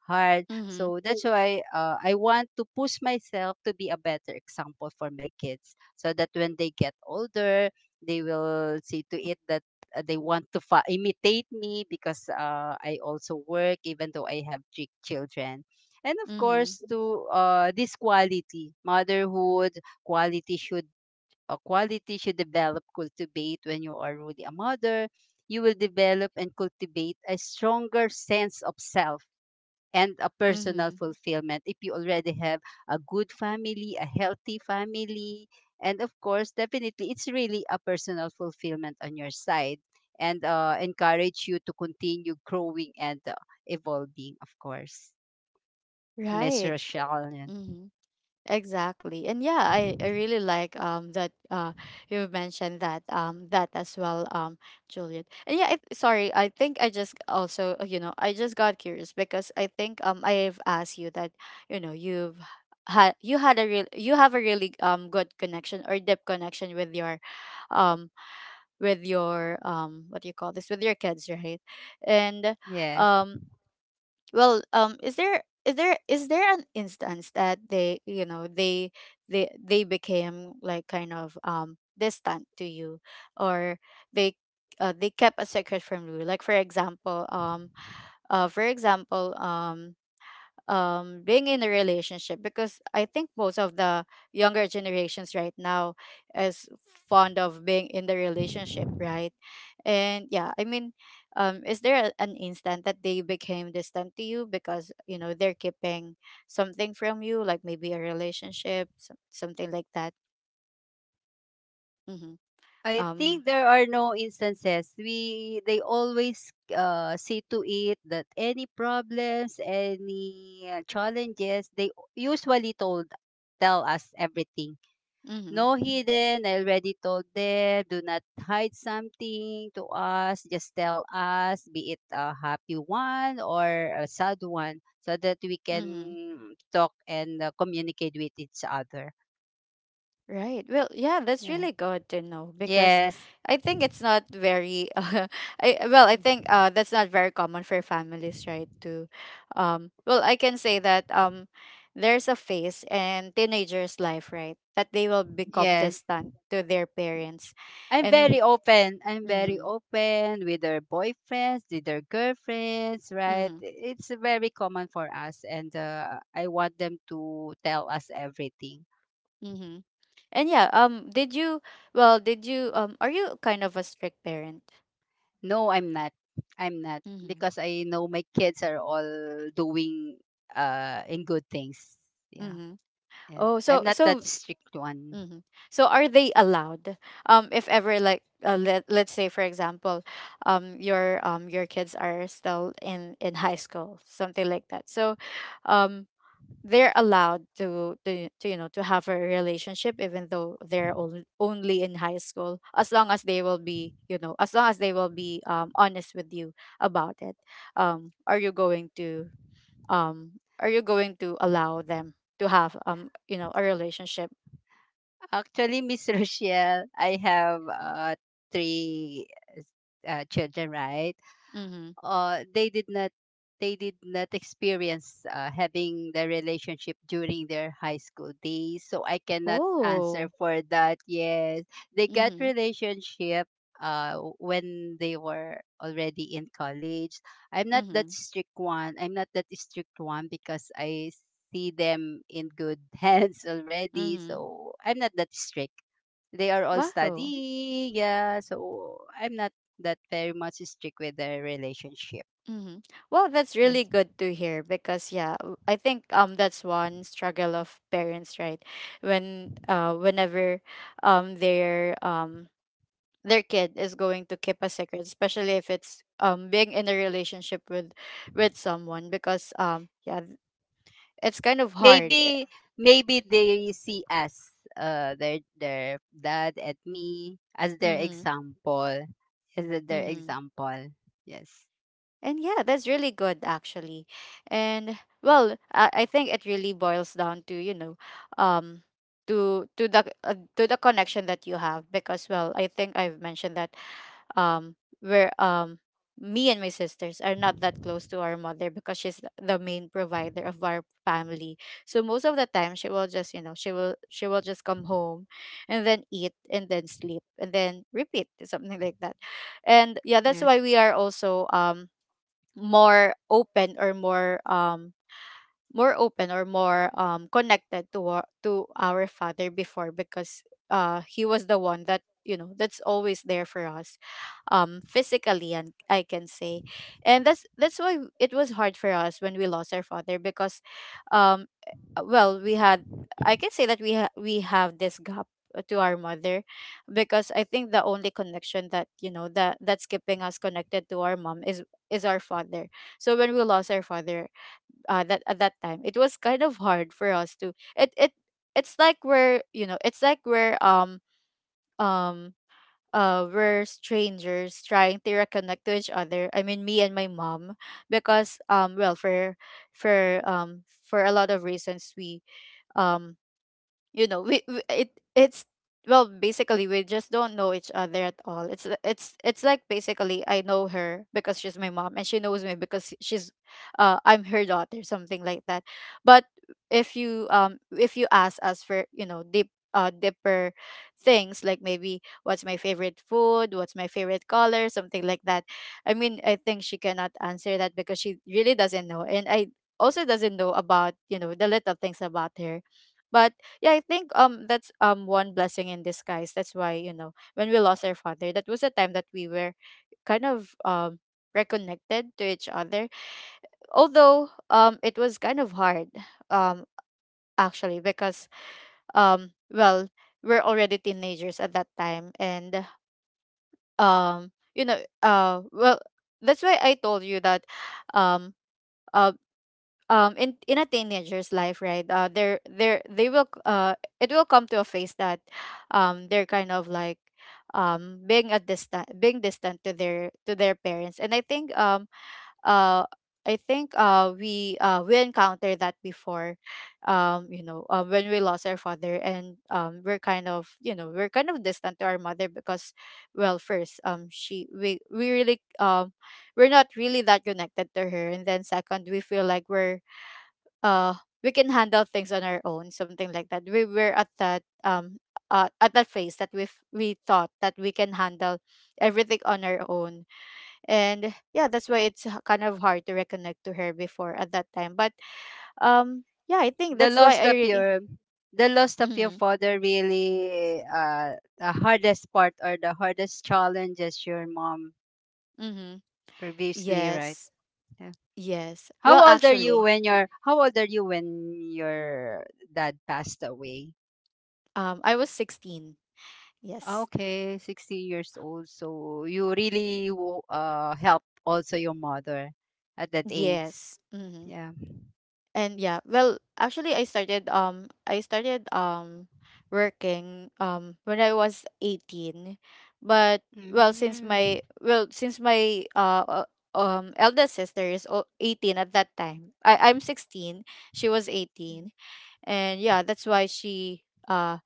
hard. Mhm. So that's why uh, I want to push myself to be a better example for my kids so that when they get older, they will see to it that uh, they want to fa- imitate me, because uh, I also work even though I have three children. And of Mhm. course, to uh, this quality, motherhood, quality should, a quality you develop, cultivate when you are really a mother, you will develop and cultivate a stronger sense of self and a personal Mhm. fulfillment if you already have a good family, a healthy family. And of course, definitely, it's really a personal fulfillment on your side and uh, encourage you to continue growing and uh, evolving, of course. Miss Right. Rochelle. Yeah. Mhm. Exactly. And yeah, I, I really like um that uh you mentioned that um that as well, um Juliet. And yeah, I, sorry, I think I just also, uh, you know, I just got curious because I think um I've asked you that, you know, you've had you had a real you have a really um good connection or deep connection with your um with your um what do you call this with your kids, right? And Yes. um well um is there is there is there an instance that they, you know, they they they became like kind of um distant to you, or they uh, they kept a secret from you? Like, for example, um uh for example um um, being in a relationship, because I think most of the younger generations right now is fond of being in the relationship, right? And yeah, I mean, um, is there a, an instant that they became distant to you because, you know, they're keeping something from you, like maybe a relationship, some, something like that? Mm-hmm. I Um. think there are no instances. We they always uh, see to it that any problems, any uh, challenges, they usually told tell us everything. Mm-hmm. No hidden. I already told them. Do not hide something to us. Just tell us, be it a happy one or a sad one, so that we can Mm-hmm. talk and uh, communicate with each other. Right. Well, yeah, that's Yeah. really good to know because Yes. I think it's not very uh, I well, I think uh that's not very common for families, right? To um well, I can say that um there's a phase in teenagers' life, right? That they will become Yes. distant to their parents. I'm And very open. I'm very mm-hmm, open with their boyfriends, with their girlfriends, right? mm-hmm, It's very common for us, and uh, I want them to tell us everything. mm-hmm. And yeah, um did you well, did you um are you kind of a strict parent? No, I'm not. I'm not Mm-hmm. because I know my kids are all doing uh in good things. Yeah, Mm-hmm. and Oh, so I'm not so that strict one. hmm. So are they allowed? Um, if ever, like, uh, let let's say, for example, um, your um your kids are still in in high school, something like that. So, um, they're allowed to, to, to, you know, to have a relationship even though they're on, only in high school, as long as they will be, you know, as long as they will be um honest with you about it. Um, are you going to um are you going to allow them to have, um you know, a relationship? Actually, Miss Rochelle, I have uh three uh, children, right? Mm-hmm. uh, they did not they did not experience uh, having the relationship during their high school days, so I cannot answer Oh. for that. Yes, they got Mhm. relationship uh, when they were already in college. I'm not that Mhm. strict one I'm not that strict one because I see them in good hands already, Mhm. so I'm not that strict. They are all Wow. studying, yeah, so I'm not that very much stick with their relationship. Mhm. Well, that's really Yes. good to hear because yeah, w- I think um that's one struggle of parents, right? When uh whenever um their um their kid is going to keep a secret, especially if it's um being in a relationship with with someone, because um yeah, th- it's kind of hard. Maybe maybe they see us, uh, their their dad and me as their Mhm. example, as their Mhm. example. Yes. And yeah, that's really good actually. And well, I, I think it really boils down to, you know, um to to the uh, to the connection that you have, because well, I think I've mentioned that um where um me and my sisters are not that close to our mother because she's the main provider of our family. So most of the time she will just, you know, she will she will just come home and then eat and then sleep and then repeat, something like that. And yeah, that's Yes. why we are also um more open or more um more open or more um connected to our, to our father before because uh he was the one that, you know, that's always there for us um physically, and I can say, and that's that's why it was hard for us when we lost our father, because um uh, well we had, I can say that we ha- we have this gap uh, to our mother, because I think the only connection that, you know, that that's keeping us connected to our mom is is our father. So when we lost our father, uh, that at that time it was kind of hard for us to it it it's like we're, you know, it's like we're um um uh we're strangers trying to reconnect to each other, I mean, me and my mom, because um well, for for um for a lot of reasons, we um you know, we, we it it's well basically, we just don't know each other at all. It's it's it's like, basically, I know her because she's my mom, and she knows me because she's uh I'm her daughter, something like that. But if you um if you ask us for, you know, deep uh deeper things, like maybe what's my favorite food, what's my favorite color, something like that, I mean, I think she cannot answer that because she really doesn't know, and I also doesn't know about, you know, the little things about her. But yeah, I think um that's um one blessing in disguise, that's why, you know, when we lost our father, that was a time that we were kind of um reconnected to each other, although um it was kind of hard um actually, because um well, we're already teenagers at that time. And um you know, uh well, that's why I told you that um uh um in in a teenager's life, right, uh they're they're they will c- uh it will come to a phase that um they're kind of like um being a distant being distant to their to their parents. And I think um uh I think uh we uh we encountered that before, um you know, uh, when we lost our father, and um we're kind of, you know, we're kind of distant to our mother, because well, first, um she we we really um we're not really that connected to her, and then second, we feel like we're uh we can handle things on our own, something like that. We were at that um uh, at that phase that we we thought that we can handle everything on our own. And yeah, that's why it's h- kind of hard to reconnect to her before at that time, but um yeah, I think The that's why loss I of really your the loss of your mm. father really uh the hardest part, or the hardest challenges your mom Mm-hmm. previously, right? Yes. Yeah. Yes. How well, old are you actually, when your How old are you when your dad passed away? um I was sixteen. Yes. Okay, sixty years old. So you really wo- uh helped also your mother at that age. Yes. Mm-hmm. Yeah. And yeah, well, actually I started um I started um working um when I was eighteen. But well, since Mm. my, well, since my uh uh, um eldest sister is al- eighteen at that time. I I'm sixteen, she was eighteen. And yeah, that's why she uh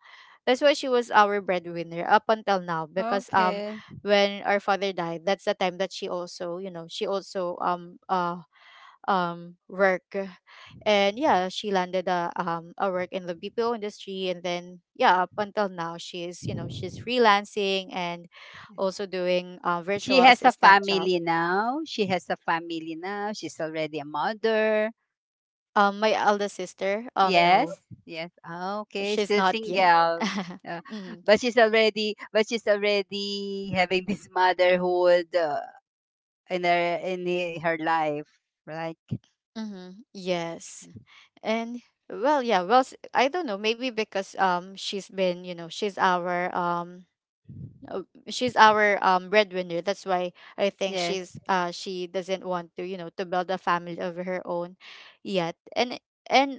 that's why she was our breadwinner up until now, because um Okay. when our father died, that's the time that she also, you know, she also um uh um work, and yeah, she landed a, um a work in the B P O industry, and then yeah, up until now she's, you know, she's freelancing and also doing a virtual She has a assistant job. family now. She has a family now. She's already a mother. um my eldest sister, um Yes. no, Yes. Ah, okay. she's Still not yet single. Uh, mm-hmm. but she's already but she's already having this motherhood uh, in her in he- her life, like, Mm-hmm. Yes. And well yeah well s- I don't know, maybe because um she's been, you know, she's our um uh, she's our um breadwinner. That's why I think yes, she's uh she doesn't want to, you know, to build a family of her own yet. And and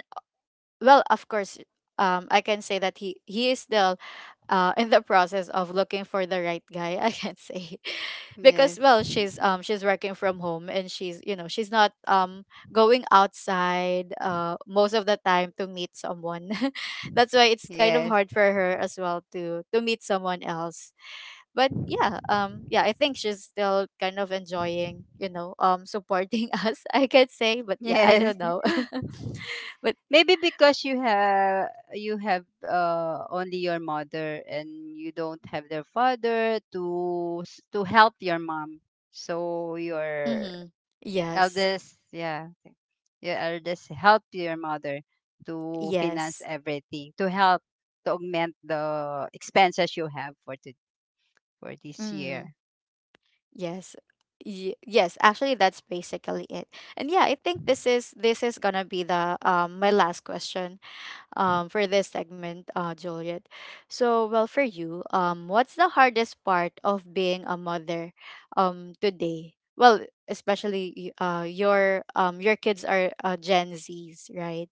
Well, of course, um I can say that he he is still uh in the process of looking for the right guy, I can say yes, because, well, she's um she's working from home and she's, you know, she's not um going outside uh most of the time to meet someone, that's why it's kind of yes, hard for her as well to to meet someone else. But yeah, um yeah, I think she's still kind of enjoying, you know, um supporting us, I could say, but yeah, I yes. don't know. But Maybe because you have, you have uh, only your mother and you don't have their father to s- to help your mom, so your mm-hmm. Yes, eldest, yeah, your eldest help your mother to finance yes, everything, to help to augment the expenses you have for the, for this mm, year. yes. Y- yes, actually that's basically it. And yeah, I think this is this is gonna be the um my last question um, for this segment, uh, Juliet. So, well, for you, um, what's the hardest part of being a mother um, today? Well, especially y- uh, your um, your kids are uh, Gen Zs, right?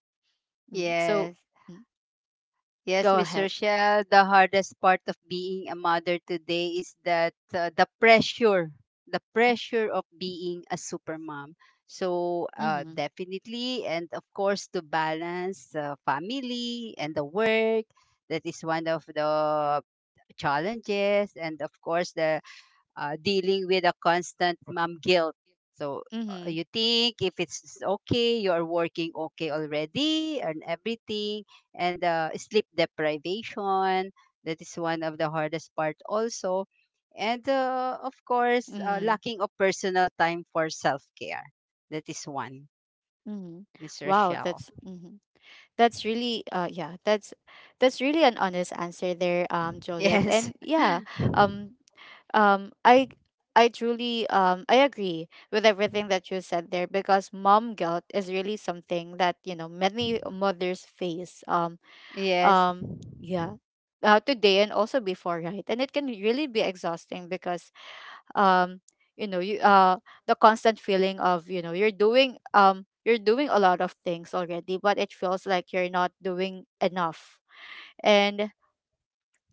Mm. So, Yes. mm, Yes, go Miss ahead. Rochelle, the hardest part of being a mother today is that uh, the pressure, the pressure of being a supermom. So, uh, Mm-hmm. definitely, and of course, to balance the family and the work, that is one of the challenges. And of course, the uh, dealing with a constant mom guilt. So uh, Mm-hmm. you think if it's okay, you're working okay already and everything, and uh, sleep deprivation. That is one of the hardest part also. And uh, of course, uh, Mm-hmm. lacking of personal time for self care. That is one, Mm-hmm. Miss Wow, Rochelle. that's mm-hmm. That's really uh yeah, that's that's really an honest answer there, um, Juliet. Yes, And yeah, um, um i I truly um I agree with everything that you said there, because mom guilt is really something that, you know, many mothers face. um yes, um yeah, uh, today and also before, right? And it can really be exhausting because, um you know, you uh the constant feeling of, you know, you're doing, um you're doing a lot of things already, but it feels like you're not doing enough. And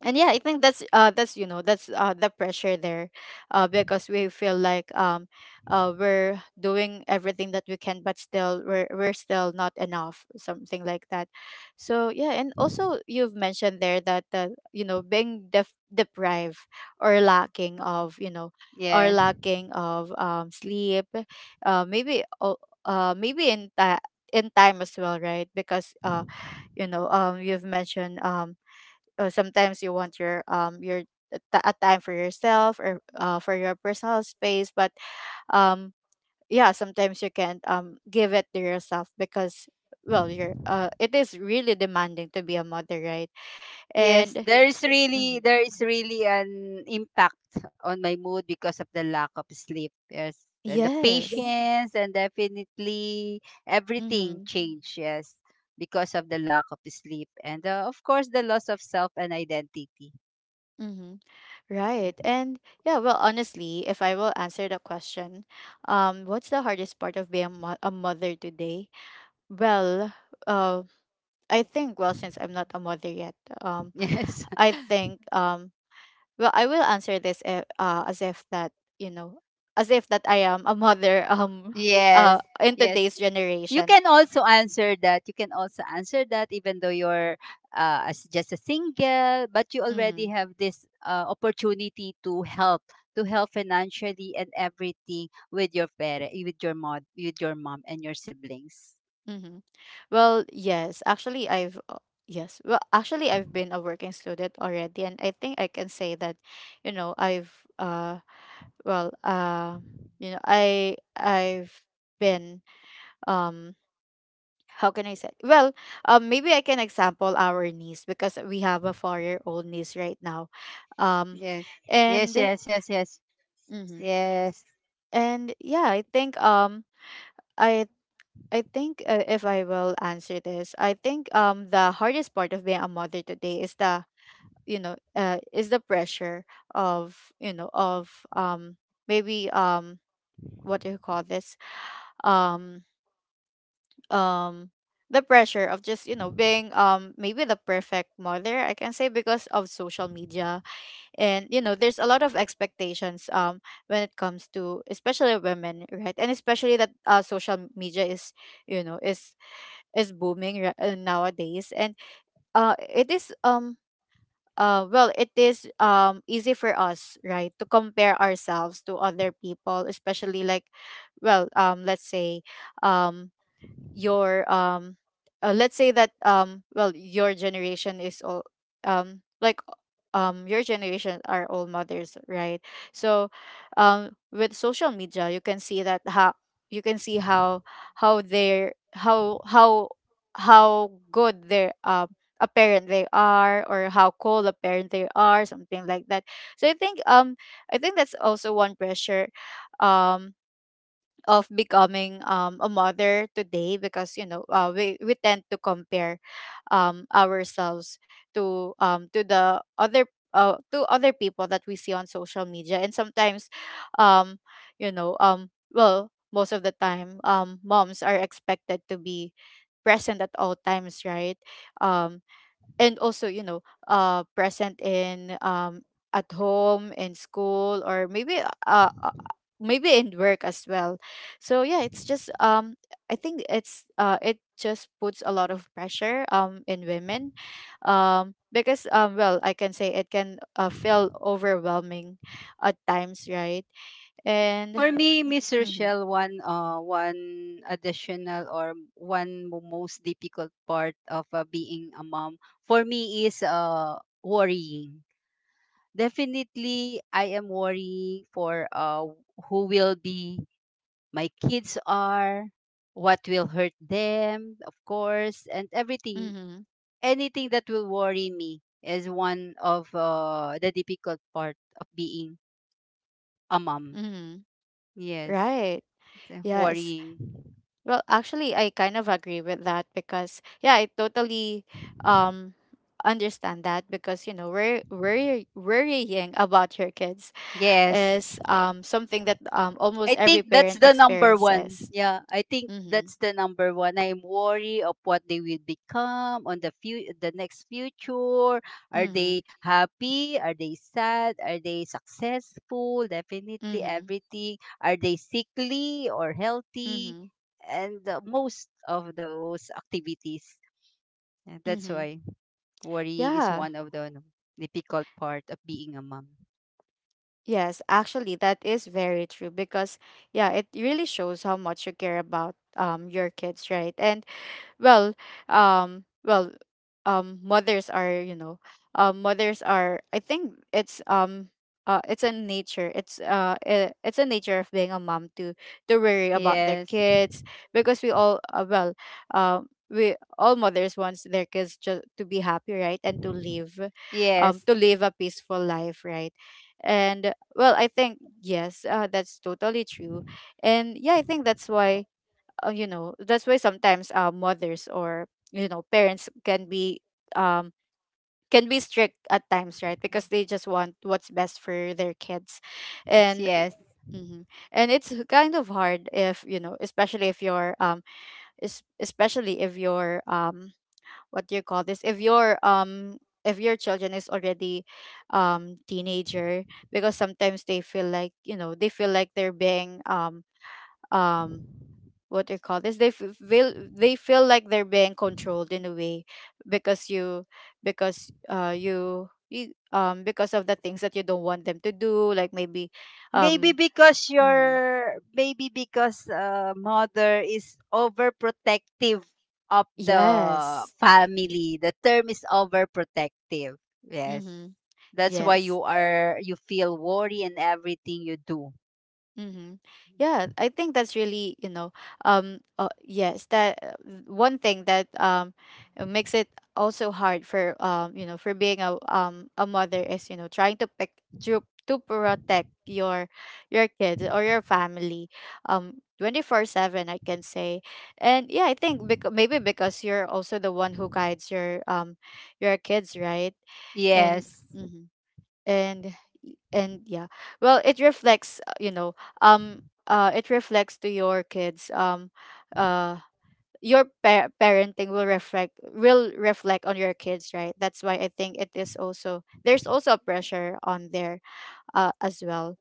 and Yeah, I think that's uh that's you know, that's uh the pressure there uh because we feel like, um uh we're doing everything that we can, but still we're we're still not enough, something like that. So yeah. And also, you've mentioned there that, uh you know, being def- deprived or lacking of, you know, or yes. lacking of um sleep, uh maybe o- uh maybe in that, in time as well, right? Because, uh you know, um you've mentioned, um uh, sometimes you want your um your t- a time for yourself, or uh, for your personal space, but um yeah, sometimes you can't um give it to yourself because, well, you're uh it is really demanding to be a mother, right? Yes, And there is mhm. really there is really an impact on my mood because of the lack of sleep. Yes, and the, yeah, Yes, patience, and definitely everything mm-hmm, changed. Yes, because of the lack of sleep and uh, of course the loss of self and identity. mm-hmm, Yeah. right. And yeah, well, honestly, if I will answer the question, um what's the hardest part of being a, mo- a mother today? well uh I think, well, since I'm not a mother yet, um Yes, I think, um well, I will answer this if, uh, as if that, you know, as if that I am a mother um uh yes, in yes. today's You generation. can also answer that. You can also answer that even though you're uh, as just a single, but you already Mm, have this uh, opportunity to help, to help financially and everything with your parent, with your mom, with your mom and your siblings. mm-hmm. Well, yes, actually I've uh, yes, well actually I've been a working student already, and I think I can say that, you know, I've uh well uh you know, I I've been, um how can I say? Well, um, maybe I can example our niece, because we have a four-year-old niece right now, um, Yes. Yes, and yes, yes, yes. mhm. Yes. And yeah, I think, um, I I think, uh, if I will answer this, I think, um, the hardest part of being a mother today is the, you know, uh, is the pressure of, you know, of um maybe um what do you call this, um um the pressure of just, you know, being, um maybe the perfect mother, I can say, because of social media. And you know, there's a lot of expectations um when it comes to, especially women, right? And especially that, uh, social media is, you know, is is booming, ri- uh, nowadays. And uh it is um uh well, it is um easy for us, right, to compare ourselves to other people, especially like, well, um let's say, um your um uh, let's say that, um well, your generation is all, um like um your generation are all mothers, right? So, um with social media, you can see that how, you can see how how they're how how how good their um a parent they are, or how cold a parent they are, something like that. So I think, um I think that's also one pressure um of becoming, um, a mother today, because, you know, uh, we, we tend to compare, um, ourselves to, um, to the other, uh, to other people that we see on social media. And sometimes, um, you know, um, well, most of the time, um, moms are expected to be present at all times, right? um, and also, you know, uh present in, um at home, in school, or maybe uh uh, uh, maybe in work as well. So yeah, it's just, um I think it's uh it just puts a lot of pressure um in women, um because um well, I can say it can, uh, feel overwhelming at times, right? And For me, Miss mm-hmm, Rochelle, one uh one additional or one mo- most difficult part of uh, being a mom for me is uh worrying. Definitely, I am worrying for uh, who will be my kids are, what will hurt them, of course, and everything. mm-hmm, Anything that will worry me is one of uh, the difficult part of being a mom. mm-hmm, Yes, right, it's, uh, yes. worrying. Well, actually, I kind of agree with that, because yeah, I totally um understand that, because, you know, worry, worry worrying about your kids Yes. is um something that um almost I every think that's parent the number one. experiences. Yeah, I think Mhm, that's the number one. I'm worried of what they will become on the few the next future. Are mhm, they happy? Are they sad? Are they successful? Definitely mhm, everything. Are they sickly or healthy? mhm, And uh, most of those activities. And that's mhm. why worrying is Yeah. one of the ano, difficult part of being a mom. Yes, actually that is very true, because yeah, it really shows how much you care about um your kids, right? And well, um well um mothers are, you know, um mothers are I think it's um uh, it's a nature it's uh i- it's a nature of being a mom to to worry about their Yes. kids, because we all uh, well, um we all mothers wants their kids just to be happy, right? And to live, um Yes. to live a peaceful life, right? And well, I think yes, uh, that's totally true. And yeah, I think that's why, uh, you know, that's why sometimes, uh, mothers, or you know, parents can be, um can be strict at times, right? Because they just want what's best for their kids. It's, And yes. mhm. and it's kind of hard if you know especially if you're um es- especially if you're um what do you call this if your um if your children is already um teenager because sometimes they feel like you know they feel like they're being um um what do you call this they f- feel they feel like they're being controlled in a way because you because uh you, you um because of the things that you don't want them to do like maybe Maybe um because mhm, your maybe because uh, mother is overprotective of the yes, family. The term is overprotective. Yes. mhm, That's why yes. you are, you feel worry in everything you do. Mm-hmm. Yeah, I think that's really, you know, um, uh, yes, that uh, one thing that um uh, makes it also hard for, um, you know, for being a um a mother is, you know, trying to pick to to protect your your kids, or your family, um twenty-four seven, I can say. And yeah, I think, because maybe because you're also the one who guides your, um your kids, right? And Yes. mhm. and and Yeah, well, it reflects, uh, you know, um uh it reflects to your kids, um uh your pa- parenting will reflect, will reflect on your kids, right? That's why I think it is also, there's also a pressure on there, uh, as well.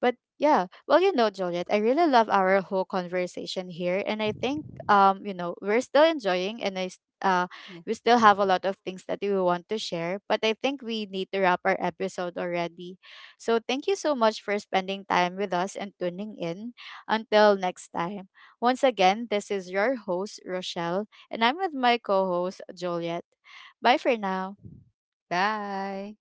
But yeah, well, you know, Juliet, I really love our whole conversation here, and I think, um, you know, we're still enjoying, and I s- uh, Yeah. we still have a lot of things that we want to share. But I think we need to wrap our episode already. So thank you so much for spending time with us and tuning in. Until next time. Once again, this is your host Rochelle, and I'm with my co-host Juliet. Bye for now. Bye.